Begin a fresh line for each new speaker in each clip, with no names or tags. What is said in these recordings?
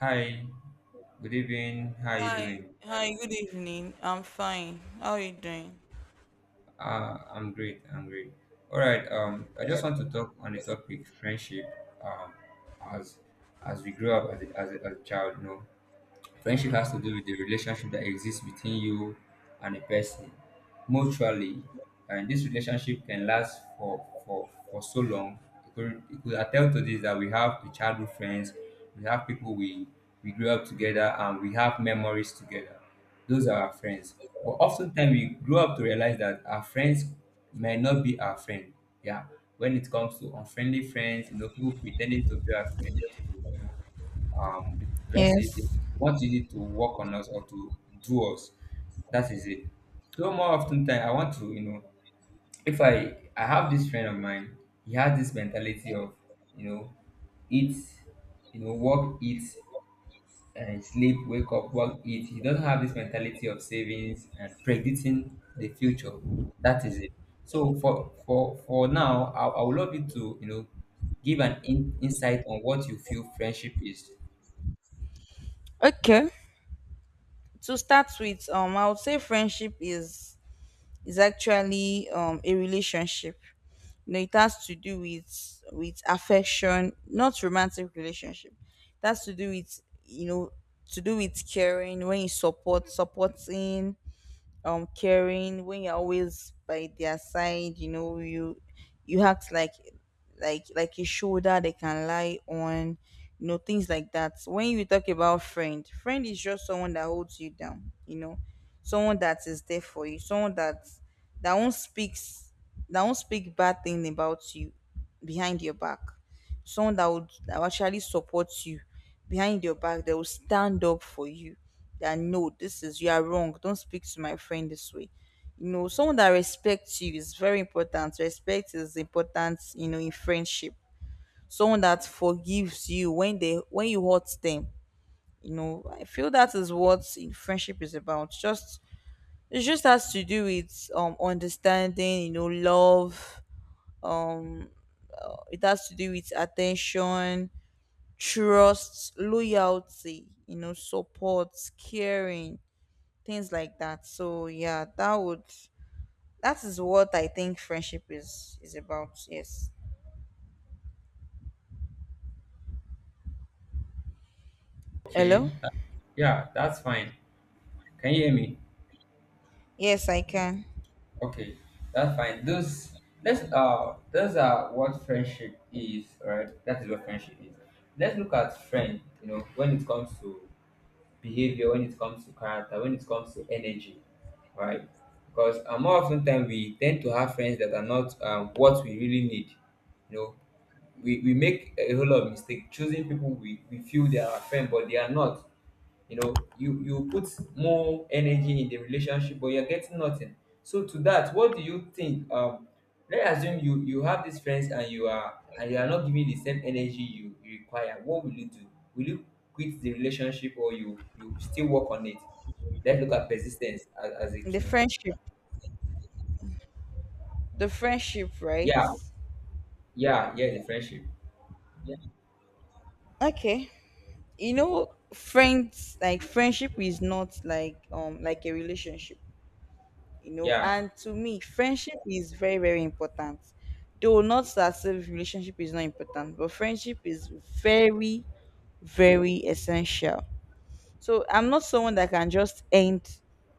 Hi, good evening. How are you
Hi,
doing?
hi, good evening. I'm fine. How are you doing?
I'm great. I'm great. All right. I just want to talk on the topic friendship. Um, as as we grow up as as a child, no. Friendship has to do with the relationship that exists between you and a person mutually, and this relationship can last for so long. You could attest to this that we have the childhood friends, we have people we grew up together, and we have memories together. Those are our friends. But oftentimes we grow up to realize that our friends may not be our friend. Yeah, when it comes to unfriendly friends, people pretending to be our friend just to um did I say it? They
Yes.
want you to work on us or to do us. That is it. So more often time I want to, if I have this friend of mine, he has this mentality of, you know, eat, work, eat, and sleep, wake up, work, eat. He doesn't have this mentality of savings and predicting the future. That is it. So for now, I would love you to, give an insight on what you feel friendship is.
Okay. To start with, I would say friendship is actually a relationship. You know, it has to do with affection, not romantic relationship. It has to do with you know to do with caring when you supporting. Caring when you're always by their side, you know, you act like like a shoulder they can lie on, you know, things like that. When you talk about friend, friend is just someone that holds you down, you know, someone that is there for you, someone that won't speaks that won't speak bad thing about you behind your back, someone that will actually support you behind your back. They will stand up for you, that no, this is, you are wrong. Don't speak to my friend this way. You know, someone that respects you is very important. Respect is important, you know, in friendship. Someone that forgives you when they when you hurt them. You know, I feel that is what in friendship is about. Just it just has to do with understanding, you know, love. Um, it has to do with attention, trust, loyalty, you know, support, caring, things like that. So yeah, that would that is what I think friendship is about. Yes.
Okay,
Hello?
yeah, that's fine. Can you hear me?
Yes, I can.
Okay, that's fine. Those Let's those are what friendship is, right? That is what friendship is. Let's look at friend, you know, when it comes to behavior, when it comes to character, when it comes to energy, right? Because more often than we tend to have friends that are not what we really need. You know, we make a whole lot of mistake choosing people we feel they are our friend, but they are not. You know, you put more energy in the relationship but you're getting nothing. So to that, what do you think? Let's assume you have these friends and you are, and you are not giving the same energy you require. What will you do? Will you quit the relationship, or you still work on it? Let's look at persistence as a
The
key.
friendship. The friendship, right?
Yeah. Yeah the friendship,
Okay. You know, friends, like friendship is not like like a relationship, you know,
yeah.
and to me, friendship is very, very important. Though not that if relationship is not important, but friendship is very, very essential. So I'm not someone that can just end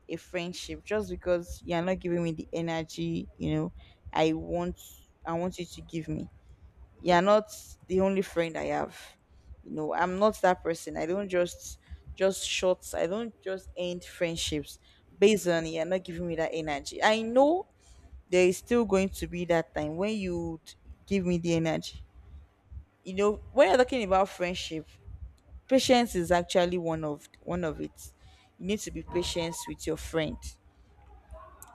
a friendship just because you're not giving me the energy, you know, I want I want you to give me. You're not the only friend I have. You know, I'm not that person. I don't just short I don't just end friendships based on you're not giving me that energy. I know there is still going to be that time when you give me the energy. You know, when you're talking about friendship, patience is actually one of it. You need to be patient with your friend.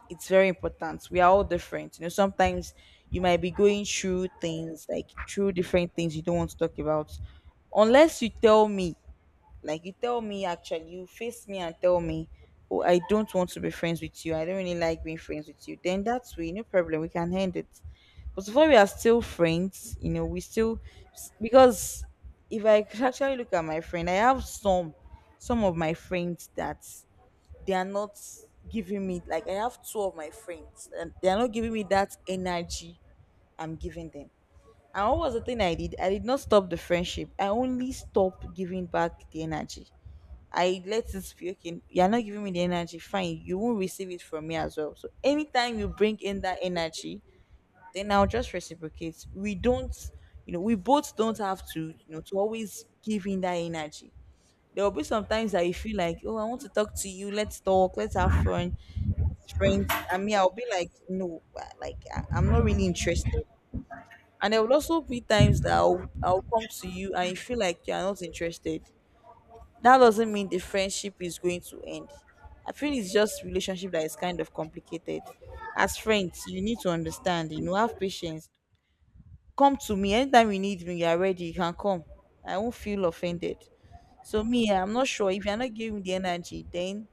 It's very important. We are all different. You know, sometimes you might be going through things like through different things you don't want to talk about. Unless you tell me, like you tell me, actually, you face me and tell me, oh, I don't want to be friends with you. I don't really like being friends with you. Then that's way, no problem. We can end it. But so far, we are still friends. You know, we still because if I could actually look at my friend, I have some of my friends that they are not giving me, like I have two of my friends and they are not giving me that energy I'm giving them. And what was the thing I did? I did not stop the friendship. I only stopped giving back the energy. I let it be. Okay, you're not giving me the energy, fine. You won't receive it from me as well. So anytime you bring in that energy, then I'll just reciprocate. We don't, you know, we both don't have to, you know, to always give in that energy. There will be sometimes that you feel like, oh, I want to talk to you. Let's talk. Let's have fun, friends. I mean, I'll be like, no, like I'm not really interested. And there will also be times that I'll come to you and you feel like you're not interested. That doesn't mean the friendship is going to end. I feel it's just relationship that is kind of complicated. As friends, you need to understand, you know, have patience. Come to me anytime you need me, you are ready, you can come. I won't feel offended. So me, I'm not sure if you're not giving me the energy, then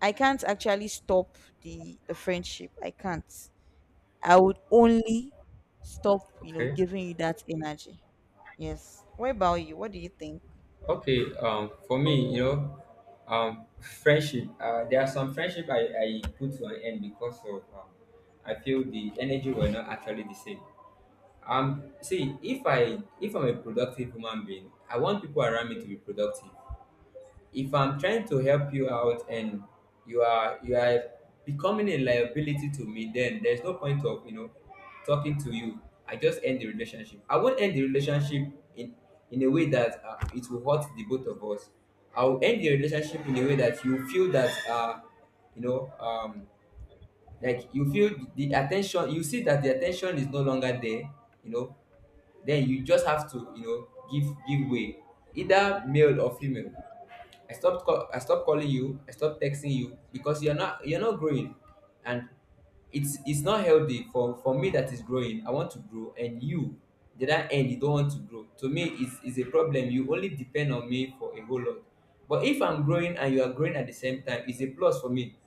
I can't actually stop the friendship. I can't, I would only stop, you know,
Okay.
giving you that energy. Yes. What about you? What do you think?
Okay, for me, friendship. There are some friendship I put to an end because of I feel the energy were not actually the same. See, if I if I'm a productive human being, I want people around me to be productive. If I'm trying to help you out and you are becoming a liability to me, then there's no point of, you know, talking to you. I just end the relationship. I won't end the relationship in in a way that it will hurt the both of us. I'll end the relationship in a way that you feel that you know um like you feel the attention, you see that the attention is no longer there, you know, then you just have to, you know, give way, either male or female. I stopped calling you. I stopped texting you because you're not growing, and it's not healthy for me that is growing. I want to grow, and you, the other end, you don't want to grow. To me, it's a problem. You only depend on me for a whole lot. But if I'm growing and you are growing at the same time, it's a plus for me.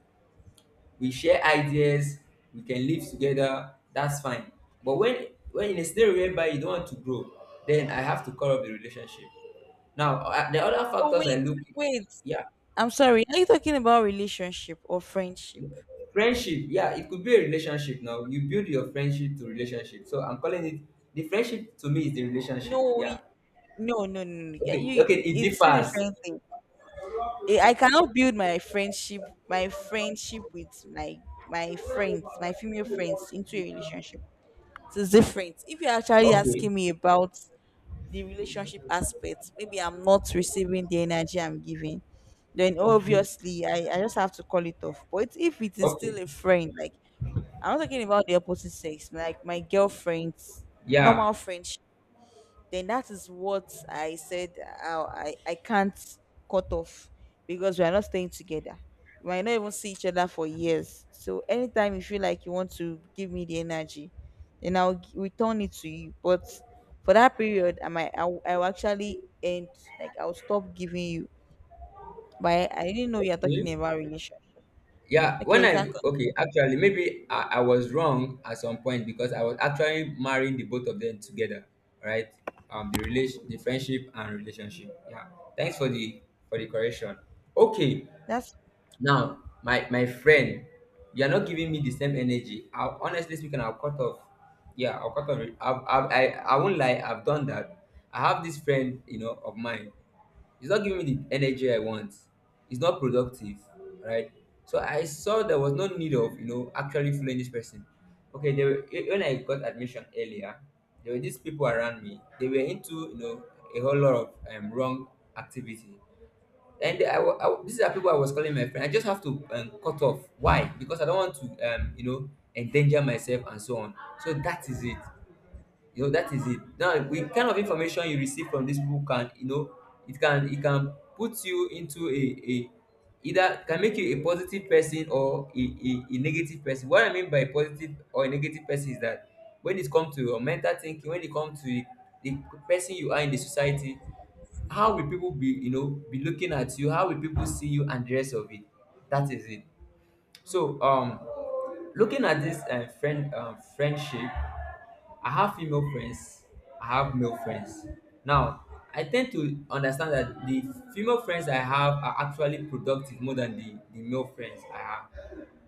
We share ideas. We can live together. That's fine. But when in a scenario whereby you don't want to grow, then I have to cut off the relationship. Now, the other
Oh
factors I
wait,
look,
wait.
yeah,
I'm sorry, are you talking about relationship or friendship?
friendship. Yeah, it could be a relationship. Now you build your friendship to relationship, so I'm calling it the friendship. To me, is the relationship,
no
yeah.
y- No, no, no, no. Yeah,
Okay,
you
okay, it
it's two
differs.
different things. I cannot build my friendship with my my friends, my female friends into a relationship. It's different. If you're actually
Okay,
asking me about the relationship aspect, maybe I'm not receiving the energy I'm giving. Then
okay,
obviously I just have to call it off. But if it is
okay,
still a friend, like I'm not talking about the opposite sex, like my girlfriend's
yeah.
normal friendship, then that is what I said, how I can't cut off because we are not staying together. We might not even see each other for years. So anytime you feel like you want to give me the energy, then I'll return it to you. But for that period, I might I will actually end, like I'll stop giving you. But I didn't know you are
Okay.
talking about relation.
Yeah, when
Okay, you can
I okay, actually, maybe I was wrong at some point because I was actually marrying the both of them together, right? The relation the friendship and relationship, yeah. Thanks for the, for the correction. Okay.
that's
Now, my friend, you are not giving me the same energy. I, honestly speaking, I'll cut off. Yeah, I'll cut off. I won't lie. I've done that. I have this friend, you know, of mine. He's not giving me the energy I want. He's not productive, right? So I saw there was no need of, you know, actually following this person. Okay, they were, eh, when I got admission earlier, there were these people around me. They were into, you know, a whole lot of wrong activity, and these are people I was calling my friend. I just have to, cut off. Why? Because I don't want to, you know, endanger myself and so on. So that is it. You know, that is it. Now, the kind of information you receive from these people can, you know, it can, it can put you into a either, can make you a positive person or a negative person. What I mean by positive or a negative person is that when it comes to your mental thinking, when it comes to the person you are in the society, how will people be, you know, be looking at you, how will people see you and the rest of it, that is it. So looking at this friendship, I have female friends, I have male friends. Now I tend to understand that the female friends I have are actually productive more than the male friends I have.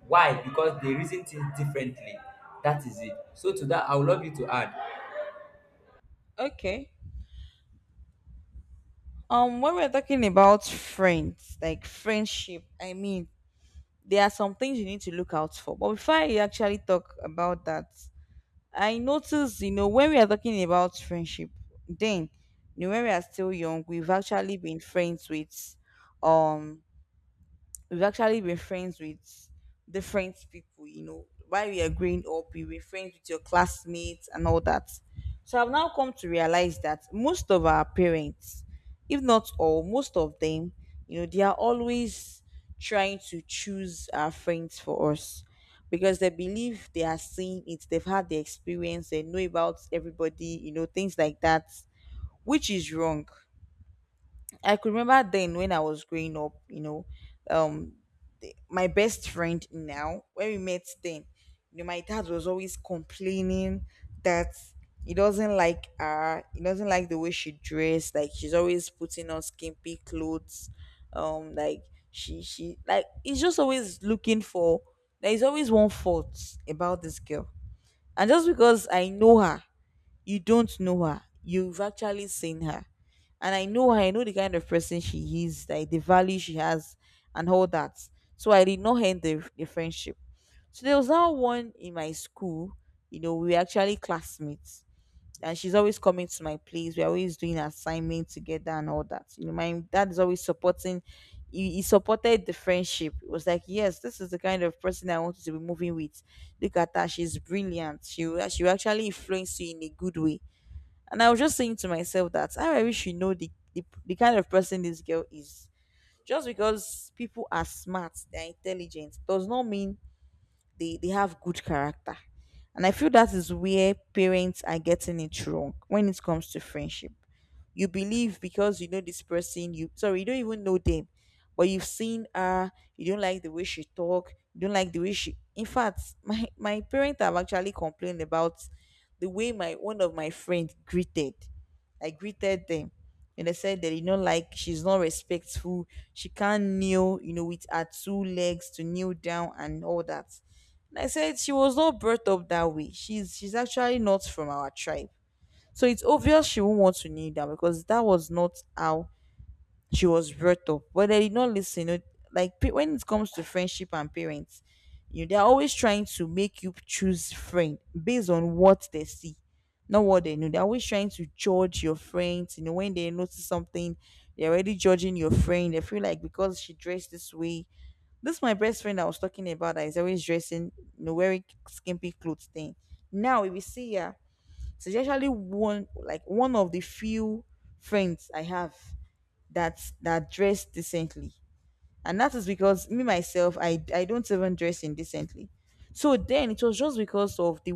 Why? Because they reason things differently. That is it, so to that I would love you to add.
okay. When we're talking about friends, like friendship, I mean, there are some things you need to look out for. But before I actually talk about that, I notice, you know, when we are talking about friendship, then, you know, when we are still young, we've actually been friends with, um, we've actually been friends with different people, you know. While we are growing up, you were friends with your classmates and all that. So I've now come to realize that most of our parents, if not all, most of them, you know, they are always trying to choose our friends for us, because they believe they are seeing it, they've had the experience, they know about everybody, you know, things like that, which is wrong. I could remember then when I was growing up, you know, um my best friend now, when we met then, you know, my dad was always complaining that he doesn't like her, he doesn't like the way she dressed, like she's always putting on skimpy clothes. Like she like he's just always looking for, there is always one fault about this girl. And just because I know her, you don't know her. You've actually seen her. And I know her. I know the kind of person she is, like the value she has, and all that. So I did not end the friendship. So there was now one in my school. You know, we were actually classmates. And she's always coming to my place. We're always doing assignments together and all that. You know, my dad is always supporting. He supported the friendship. It was like, yes, this is the kind of person I wanted to be moving with. Look at her. She's brilliant. She will actually influence you in a good way. And I was just saying to myself that, "Ah, I wish you know the kind of person this girl is. Just because people are smart, they're intelligent, does not mean they have good character. And I feel that is where parents are getting it wrong when it comes to friendship. You believe because you know this person, you, sorry, you don't even know them, but you've seen her. You don't like the way she talk, you don't like the way she, in fact, my parents have actually complained about the way my one of my friends greeted I greeted them, and they said that, you know, like she's not respectful. She can't kneel, you know, with her two legs to kneel down and all that. And I said she was not brought up that way. She's actually not from our tribe, so it's obvious she won't want to kneel down, because that was not how she was brought up. But they did not listen. You know, like when it comes to friendship and parents, you know, they're always trying to make you choose friend based on what they see, not what they know. They're always trying to judge your friends. You know, when they notice something, they're already judging your friend. They feel like because she dressed this way. This my best friend I was talking about that is always dressing, you know, wearing skimpy clothes thing. Now if you see her, she's actually one, like one of the few friends I have that that dress decently. And that is because me myself, I don't even dress indecently. So then it was just because of the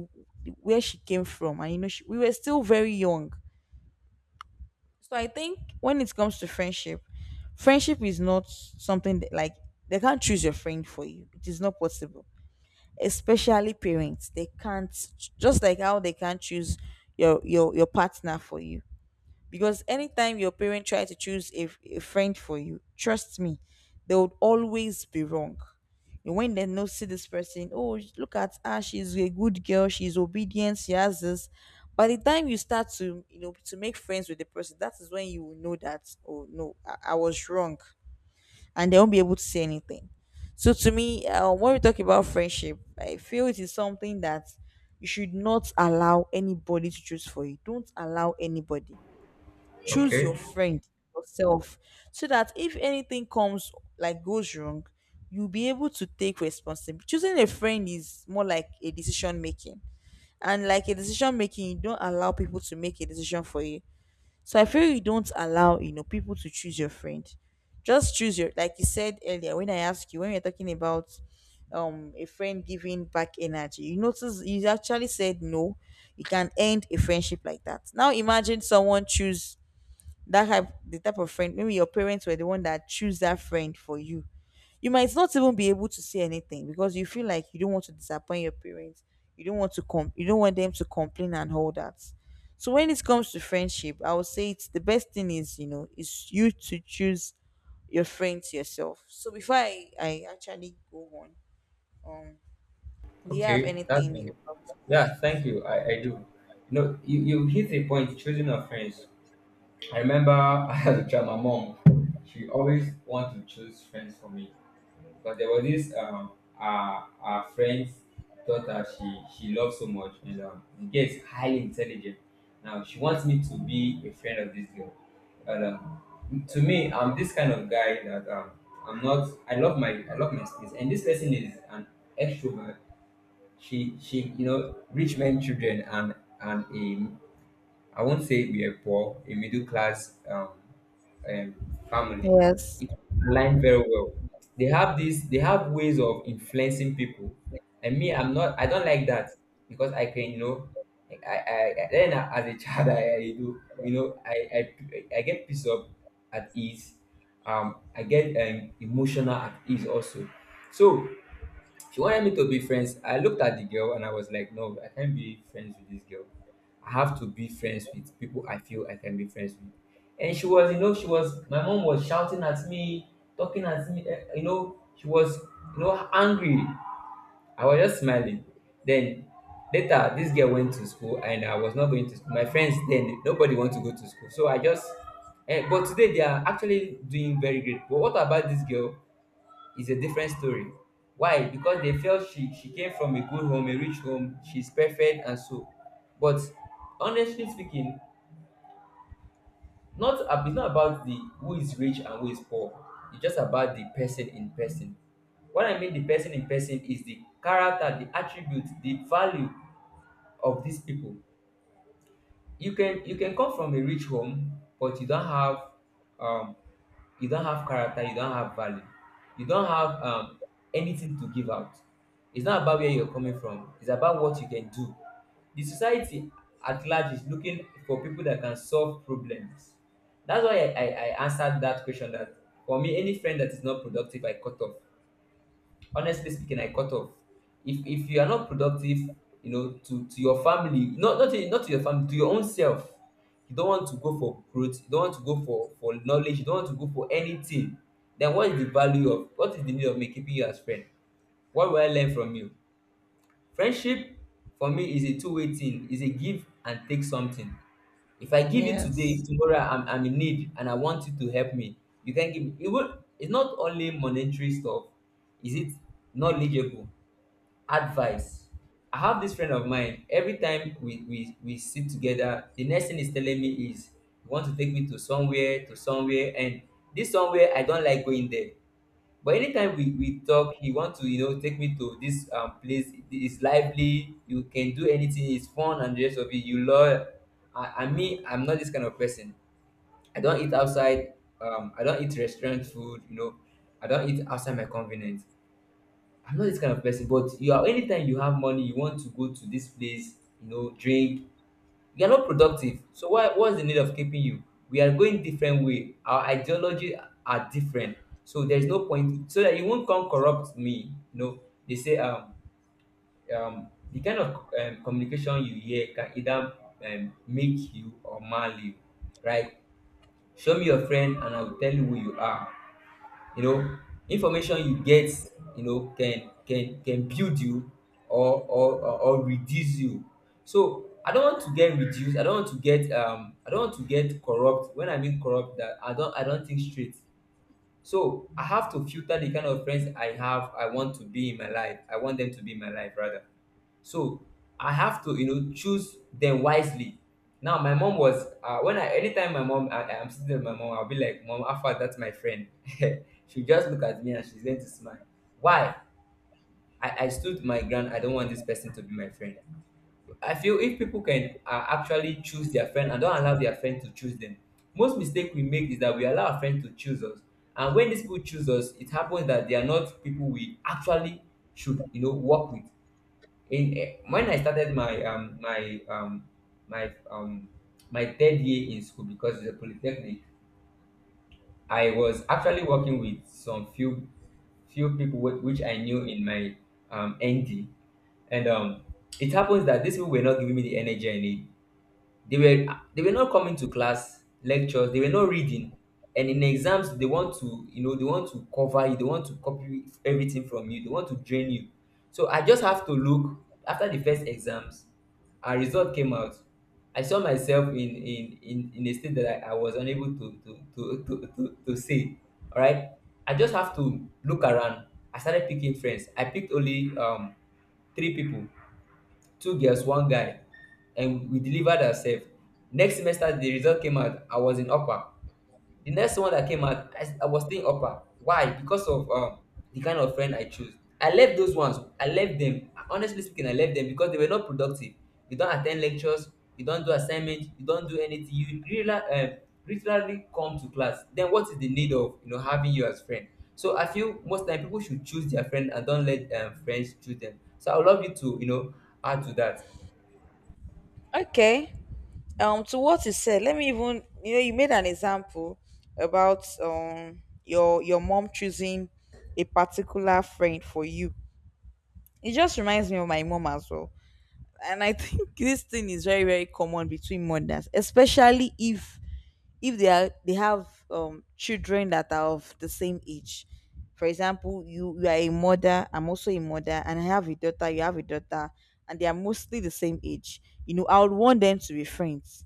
where she came from, and you know we were still very young. So I think when it comes to friendship, friendship is not something that, like, they can't choose your friend for you. It is not possible. Especially parents, they can't just like how they can't choose your partner for you. Because anytime your parent try to choose a friend for you, trust me, they would always be wrong. And when they know, see this person, oh look at her, she's a good girl, she's obedient, she has this, by the time you start to to make friends with the person, that is when you will know that, oh no, I was wrong, and they won't be able to say anything. So to me, when we talk about friendship, I feel it is something that you should not allow anybody to choose for you. Don't allow anybody choose
Okay.
your friend yourself, so that if anything comes, like goes wrong, you'll be able to take responsibility. Choosing a friend is more like a decision making, and like a decision making, you don't allow people to make a decision for you. So I feel you don't allow people to choose your friend. Just choose your, like you said earlier when I asked you, when we were talking about a friend giving back energy, you notice you actually said no, you can end a friendship like that. Now imagine someone choose that type the type of friend maybe your parents were the one that choose that friend for you. You might not even be able to say anything because you feel like you don't want to disappoint your parents. You don't want to you don't want them to complain and all that. So when it comes to friendship, I would say it's the best thing is, is you to choose your friends yourself. So before I actually go on, um do you have
Okay, that's
anything
fine.
you have to
Yeah, thank
say?
you. I do. No, you hit a point, choosing of friends. I remember as a child, my mom, she always wanted to choose friends for me. Because there was this our friend's daughter, she loved so much, and the girl is highly intelligent. Now she wants me to be a friend of this girl. And to me, I'm this kind of guy that I'm not I love my, I love my space, and this person is an extrovert. She, you know, rich men children, and a, I won't say we are poor, a middle class um family.
Yes,
It align very well. They have this, they have ways of influencing people, and me, I'm not, I don't like that. Because I can, you know, I then, as a child, I do, you know, I get pissed off at ease, I get, emotional at ease also. So she wanted me to be friends. I looked at the girl and I was like, no, I can't be friends with this girl. I have to be friends with people I feel I can be friends with. And she was, you know, she was, my mom was shouting at me, talking at me, eh, you know, she was, you know, angry. I was just smiling. Then later, this girl went to school and I was not going to school. My friends then, nobody want to go to school. So I just, eh, but today they are actually doing very great. But what about this girl? Is a different story. Why? Because they felt she came from a good home, a rich home, she's perfect and so. But honestly speaking, not ab- it's not about the who is rich and who is poor. It's just about the person in person. What I mean the person in person is the character, the attribute, the value of these people. You can come from a rich home, but um you don't have character, you don't have value, you don't have anything to give out. It's not about where you're coming from, it's about what you can do. The society at large is looking for people that can solve problems. That's why I answered that question that for me, any friend that is not productive, I cut off. Honestly speaking, I cut off. If you are not productive, you know, to your family, not to your family, to your own self. You don't want to go for growth, you don't want to go for knowledge, you don't want to go for anything. Then what is the value, of what is the need of me keeping you as friend? What will I learn from you? Friendship for me is a two-way thing, is a give and take something. If I give you today,
yes.
tomorrow I'm in need and I want you to help me, you can give me, even it's not only monetary stuff. Is it knowledgeable advice? I have this friend of mine. Every time we sit together, the next thing he's telling me is, you want to take me to somewhere, and this somewhere, I don't like going there. But anytime we talk, he wants to, you know, take me to this place. It's lively. You can do anything. It's fun and the rest of it. You love. I'm not this kind of person. I don't eat outside. I don't eat restaurant food. I don't eat outside my convenience. I'm not this kind of person, but you are. Anytime you have money, you want to go to this place, you know, drink. You are not productive. So why, what's the need of keeping you? We are going different way. Our ideology are different. So there's no point, so that you won't come corrupt me. They say the kind of communication you hear can either make you or mal you, right? Show me your friend and I will tell you who you are. you know Information you get, you know, can build you or reduce you. So I don't want to get reduced, I don't want to get I don't want to get corrupt. When I mean corrupt, that I don't think straight. So I have to filter the kind of friends I have, I want to be in my life, I want them to be in my life rather. So I have to, you know, choose them wisely. Now my mom was when I, anytime my mom, I'm sitting with my mom, I'll be like, Mom, Alpha, that's my friend. She'll just look at me and she's going to smile. Why? I stood my ground. I don't want this person to be my friend. I feel if people can actually choose their friend and don't allow their friend to choose them. Most mistake we make is that we allow our friend to choose us. And when these people choose us, it happens that they are not people we actually should, you know, work with. When I started my my um my third year in school, because it's a polytechnic, I was actually working with some few people which I knew in my ND, and it happens that these people were not giving me the energy I need. They were not coming to class lectures, they were not reading, and in exams they want to, you know, they want to cover you, they want to copy everything from you, they want to drain you. So I just have to look. After the first exams, our result came out. I saw myself in a state that I was unable to say, all right, I just have to look around. I started picking friends. I picked only three people, two girls, one guy, and we delivered ourselves. Next semester the result came out, I was in upper. The next one that came out, I was still in upper. Why? Because of the kind of friend I chose. I left those ones, I left them, honestly speaking, I left them because they were not productive. You don't attend lectures, you don't do assignment, you don't do anything, you really literally come to class. Then what is the need of, you know, having you as friend? So I feel most time people should choose their friend and don't let friends choose them. So I would love you to, you know, add to that.
Okay. To what you said, let me, even, you know, you made an example about your mom choosing a particular friend for you. It just reminds me of my mom as well. And I think this thing is very, very common between mothers, especially if they have children that are of the same age. For example, you are a mother, I'm also a mother, and I have a daughter, you have a daughter, and they are mostly the same age, you know, I would want them to be friends.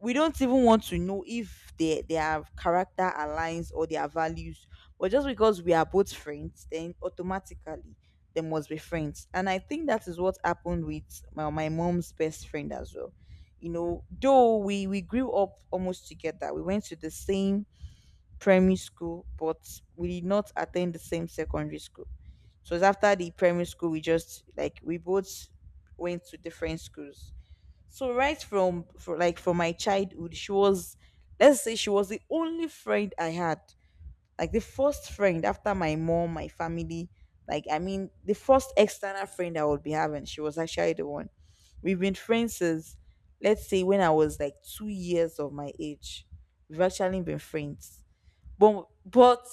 We don't even want to know if their character aligns or their values, but just because we are both friends, then automatically they must be friends. And I think that is what happened with my mom's best friend as well. You know, though we grew up almost together, we went to the same primary school, but we did not attend the same secondary school. So it's after the primary school, we just, like, we both went to different schools. So right from, for like from my childhood, she was, let's say she was the only friend I had. Like the first friend after my mom, my family, like I mean the first external friend I would be having, she was actually the one. We've been friends since, let's say when I was like 2 years of my age. We've actually been friends. But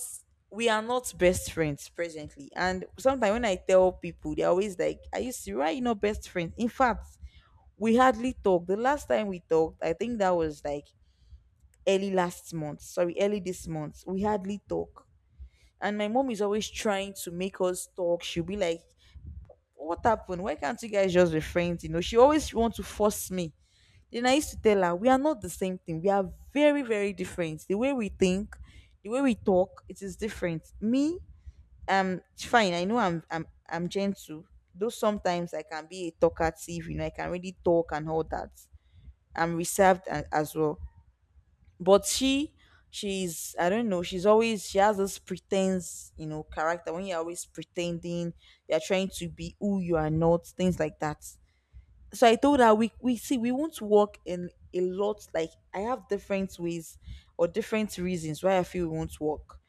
we are not best friends presently. And sometimes when I tell people, they're always like, are you serious? Why are you not best friends? In fact, we hardly talk. The last time we talked, I think that was like early last month. Sorry, early this month. We hardly talk. And my mom is always trying to make us talk. She'll be like, what happened? Why can't you guys just be friends? You know, she always wants to force me. Then I used to tell her, we are not the same thing. We are very, very different. The way we think, the way we talk, it is different. Me, fine, I know I'm I'm gentle. Though sometimes I can be a talkative, you know, I can really talk and all that. I'm reserved as well. But she's, I don't know. She's always, she has this pretense, you know, character. When you're always pretending, you're trying to be who you are not, things like that. So I told her, we won't work in a lot. Like I have different ways or different reasons why I feel we won't work.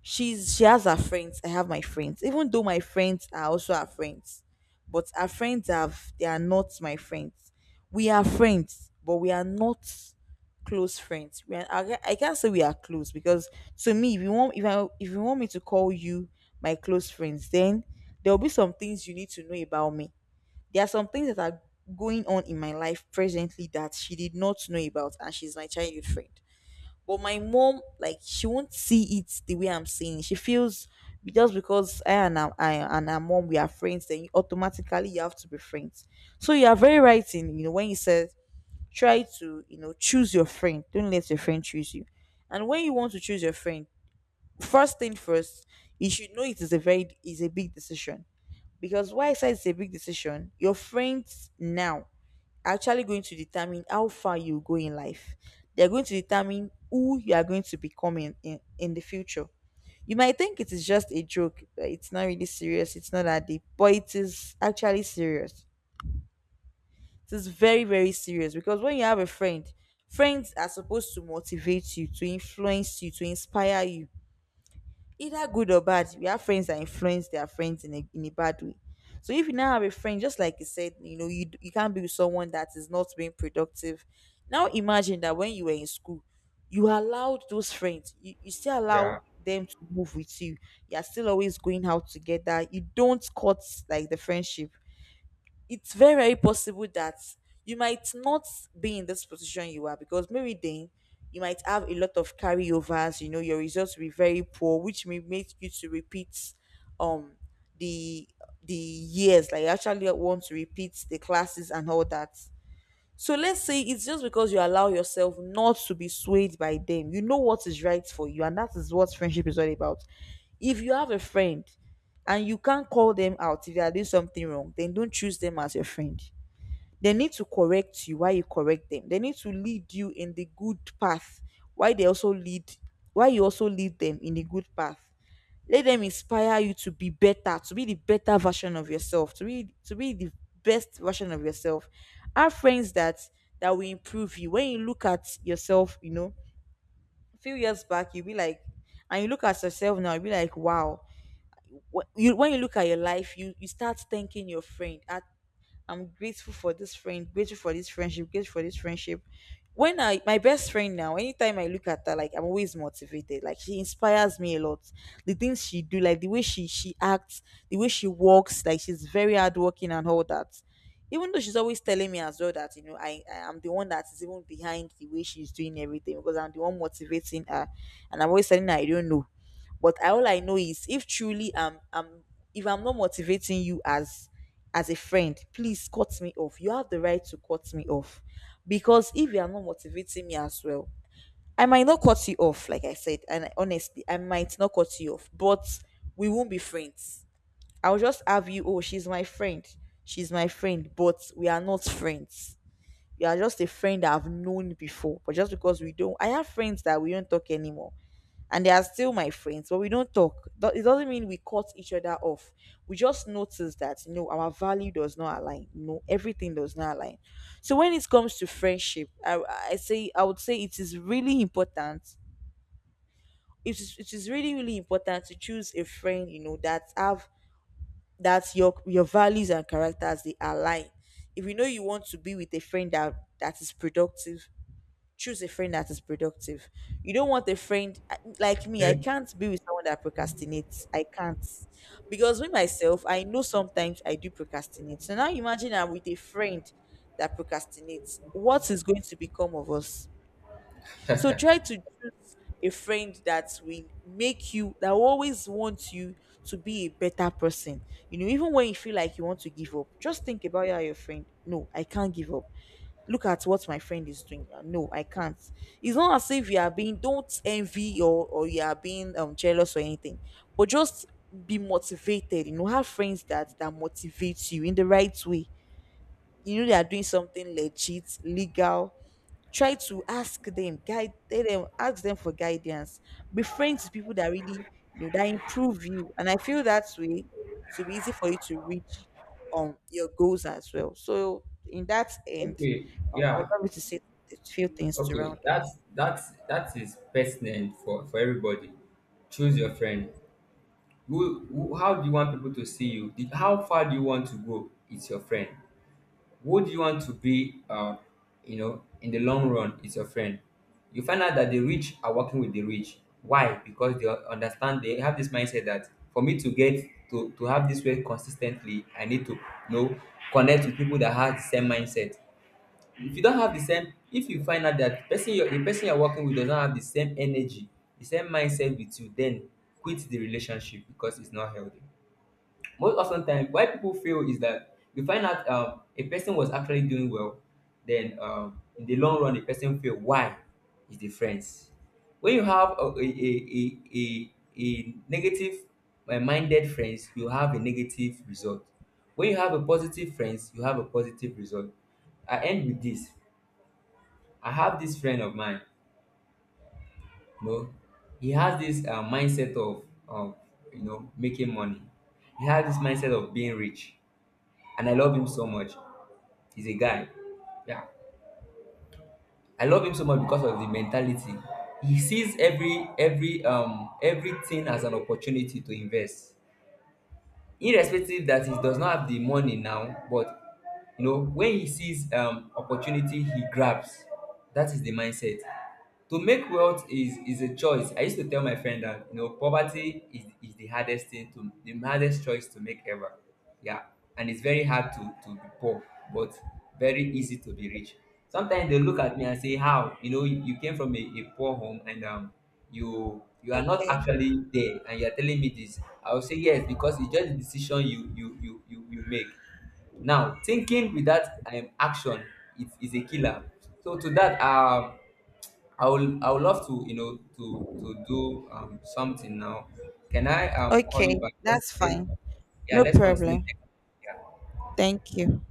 She has her friends, I have my friends, even though my friends are also her friends, but her friends have, they are not my friends. We are friends, but we are not close friends. We are, I can't say we are close, because to me, if you want, if, I, if you want me to call you my close friends, then there will be some things you need to know about me. There are some things that are going on in my life presently that she did not know about, and she's my childhood friend. But my mom, like, she won't see it the way I'm seeing it. She feels just because I and her mom, we are friends, then automatically you have to be friends. So you are very right in, you know, when you said, try to, you know, choose your friend. Don't let your friend choose you. And when you want to choose your friend, first thing first, you should know it is a very, is a big decision. Because why I say it's a big decision, your friends now actually going to determine how far you go in life. They're going to determine who you are going to become in, in the future. You might think it is just a joke, that it's not really serious, it's not that deep, but it is actually serious. It is very, very serious because when you have a friend, friends are supposed to motivate you, to influence you, to inspire you, either good or bad. We have friends that influence their friends in a bad way. So if you now have a friend, just like you said, you know, you, you can't be with someone that is not being productive. Now imagine that when you were in school, you allowed those friends, you still allow
Yeah.
them to move with you. You're still always going out together. You don't cut like the friendship. It's very, very possible that you might not be in this position you are, because maybe then you might have a lot of carryovers, you know, your results will be very poor, which may make you to repeat um the years, like you actually want to repeat the classes and all that. So let's say it's just because you allow yourself not to be swayed by them. You know what is right for you, and that is what friendship is all about. If you have a friend and you can't call them out if they are doing something wrong, then don't choose them as your friend. They need to correct you while you correct them. They need to lead you in the good path. Why they also lead why you also lead them in the good path. Let them inspire you to be better, to be the better version of yourself, to be the best version of yourself. Have friends that will improve you. When you look at yourself, you know, a few years back, you'll be like, and you look at yourself now, you'll be like, wow. When you look at your life, you start thanking your friend. At I'm grateful for this friend, grateful for this friendship, grateful for this friendship. When I, my best friend now, anytime I look at her, like, I'm always motivated. Like she inspires me a lot. The things she do, like the way she acts, the way she walks, like she's very hardworking and all that. Even though she's always telling me as well that, you know, I am the one that is even behind the way she's doing everything, because I'm the one motivating her, and I'm always telling her I don't know, but all I know is if truly I'm if I'm not motivating you as a friend, please cut me off. You have the right to cut me off. Because if you are not motivating me as well, I might not cut you off, like I said. And honestly, I might not cut you off, but we won't be friends. I'll just have you, oh, she's my friend. She's my friend, but we are not friends. You are just a friend that I've known before. But just because we don't, I have friends that we don't talk anymore, and they are still my friends, but we don't talk. It doesn't mean we cut each other off. We just notice that, you know, our value does not align. No, everything does not align. So when it comes to friendship, I say, I would say it is really important. It is, it is really, really important to choose a friend, you know, that have, that your values and characters, they align. If you know you want to be with a friend that is productive, choose a friend that is productive. You don't want a friend, like me, I
Okay.
can't be with someone that procrastinates. I can't. Because with myself, I know sometimes I do procrastinate. So now imagine I'm with a friend that procrastinates. What is going to become of us? So try to choose a friend that will make you, that will always wants you to be a better person. You know, even when you feel like you want to give up, just think about your friend. No, I can't give up, look at what my friend is doing. No, I can't. It's not as if you are being, don't envy or you are being jealous or anything, but just be motivated. You know, have friends that motivates you in the right way. You know they are doing something legit, legal, try to ask them, guide tell them, ask them for guidance. Be friends with people that really, you know, that improve you. And I feel that way it will be easy for you to reach your goals as well. So in that end,
Okay.
I would
Yeah.
love you to say a few things to
Okay.
round up.
That's that is pertinent for everybody. Choose your friend. Who, how do you want people to see you? The, how far do you want to go? It's your friend. Who do you want to be? You know, in the long run, it's your friend. You find out that the rich are working with the rich. Why? Because they understand. They have this mindset that for me to get to have this way consistently, I need to, you know, connect with people that have the same mindset. If you don't have the same, if you find out that person you're the person you're working with does not have the same energy, the same mindset with you, then quit the relationship because it's not healthy. Most often time why people fail is that you find out, a person was actually doing well, then in the long run the person fail. Why? Is the friends. When you have a negative minded friends, you have a negative result. When you have a positive friends, you have a positive result. I end with this. I have this friend of mine, you know, he has this mindset of, you know, making money. He has this mindset of being rich, and I love him so much. He's a guy, yeah. I love him so much because of the mentality. He sees every everything as an opportunity to invest, irrespective that he does not have the money now. But you know, when he sees opportunity, he grabs. That is the mindset. To make wealth is a choice. I used to tell my friend that you know is the hardest thing, to the hardest choice to make ever. Yeah, and it's very hard to be poor, but very easy to be rich. Sometimes they look at me and say, "How, you know, you came from a poor home and you, you are not
Okay.
actually there and you are telling me this?" I will say yes, because it's just the decision you make. Now thinking without action is a killer. So to that, I will, I would love to, you know, to do something now. Can I call you
Okay,
back?
that's
Let,
fine.
yeah,
No
let's continue.
problem.
Next- Yeah.
Thank you.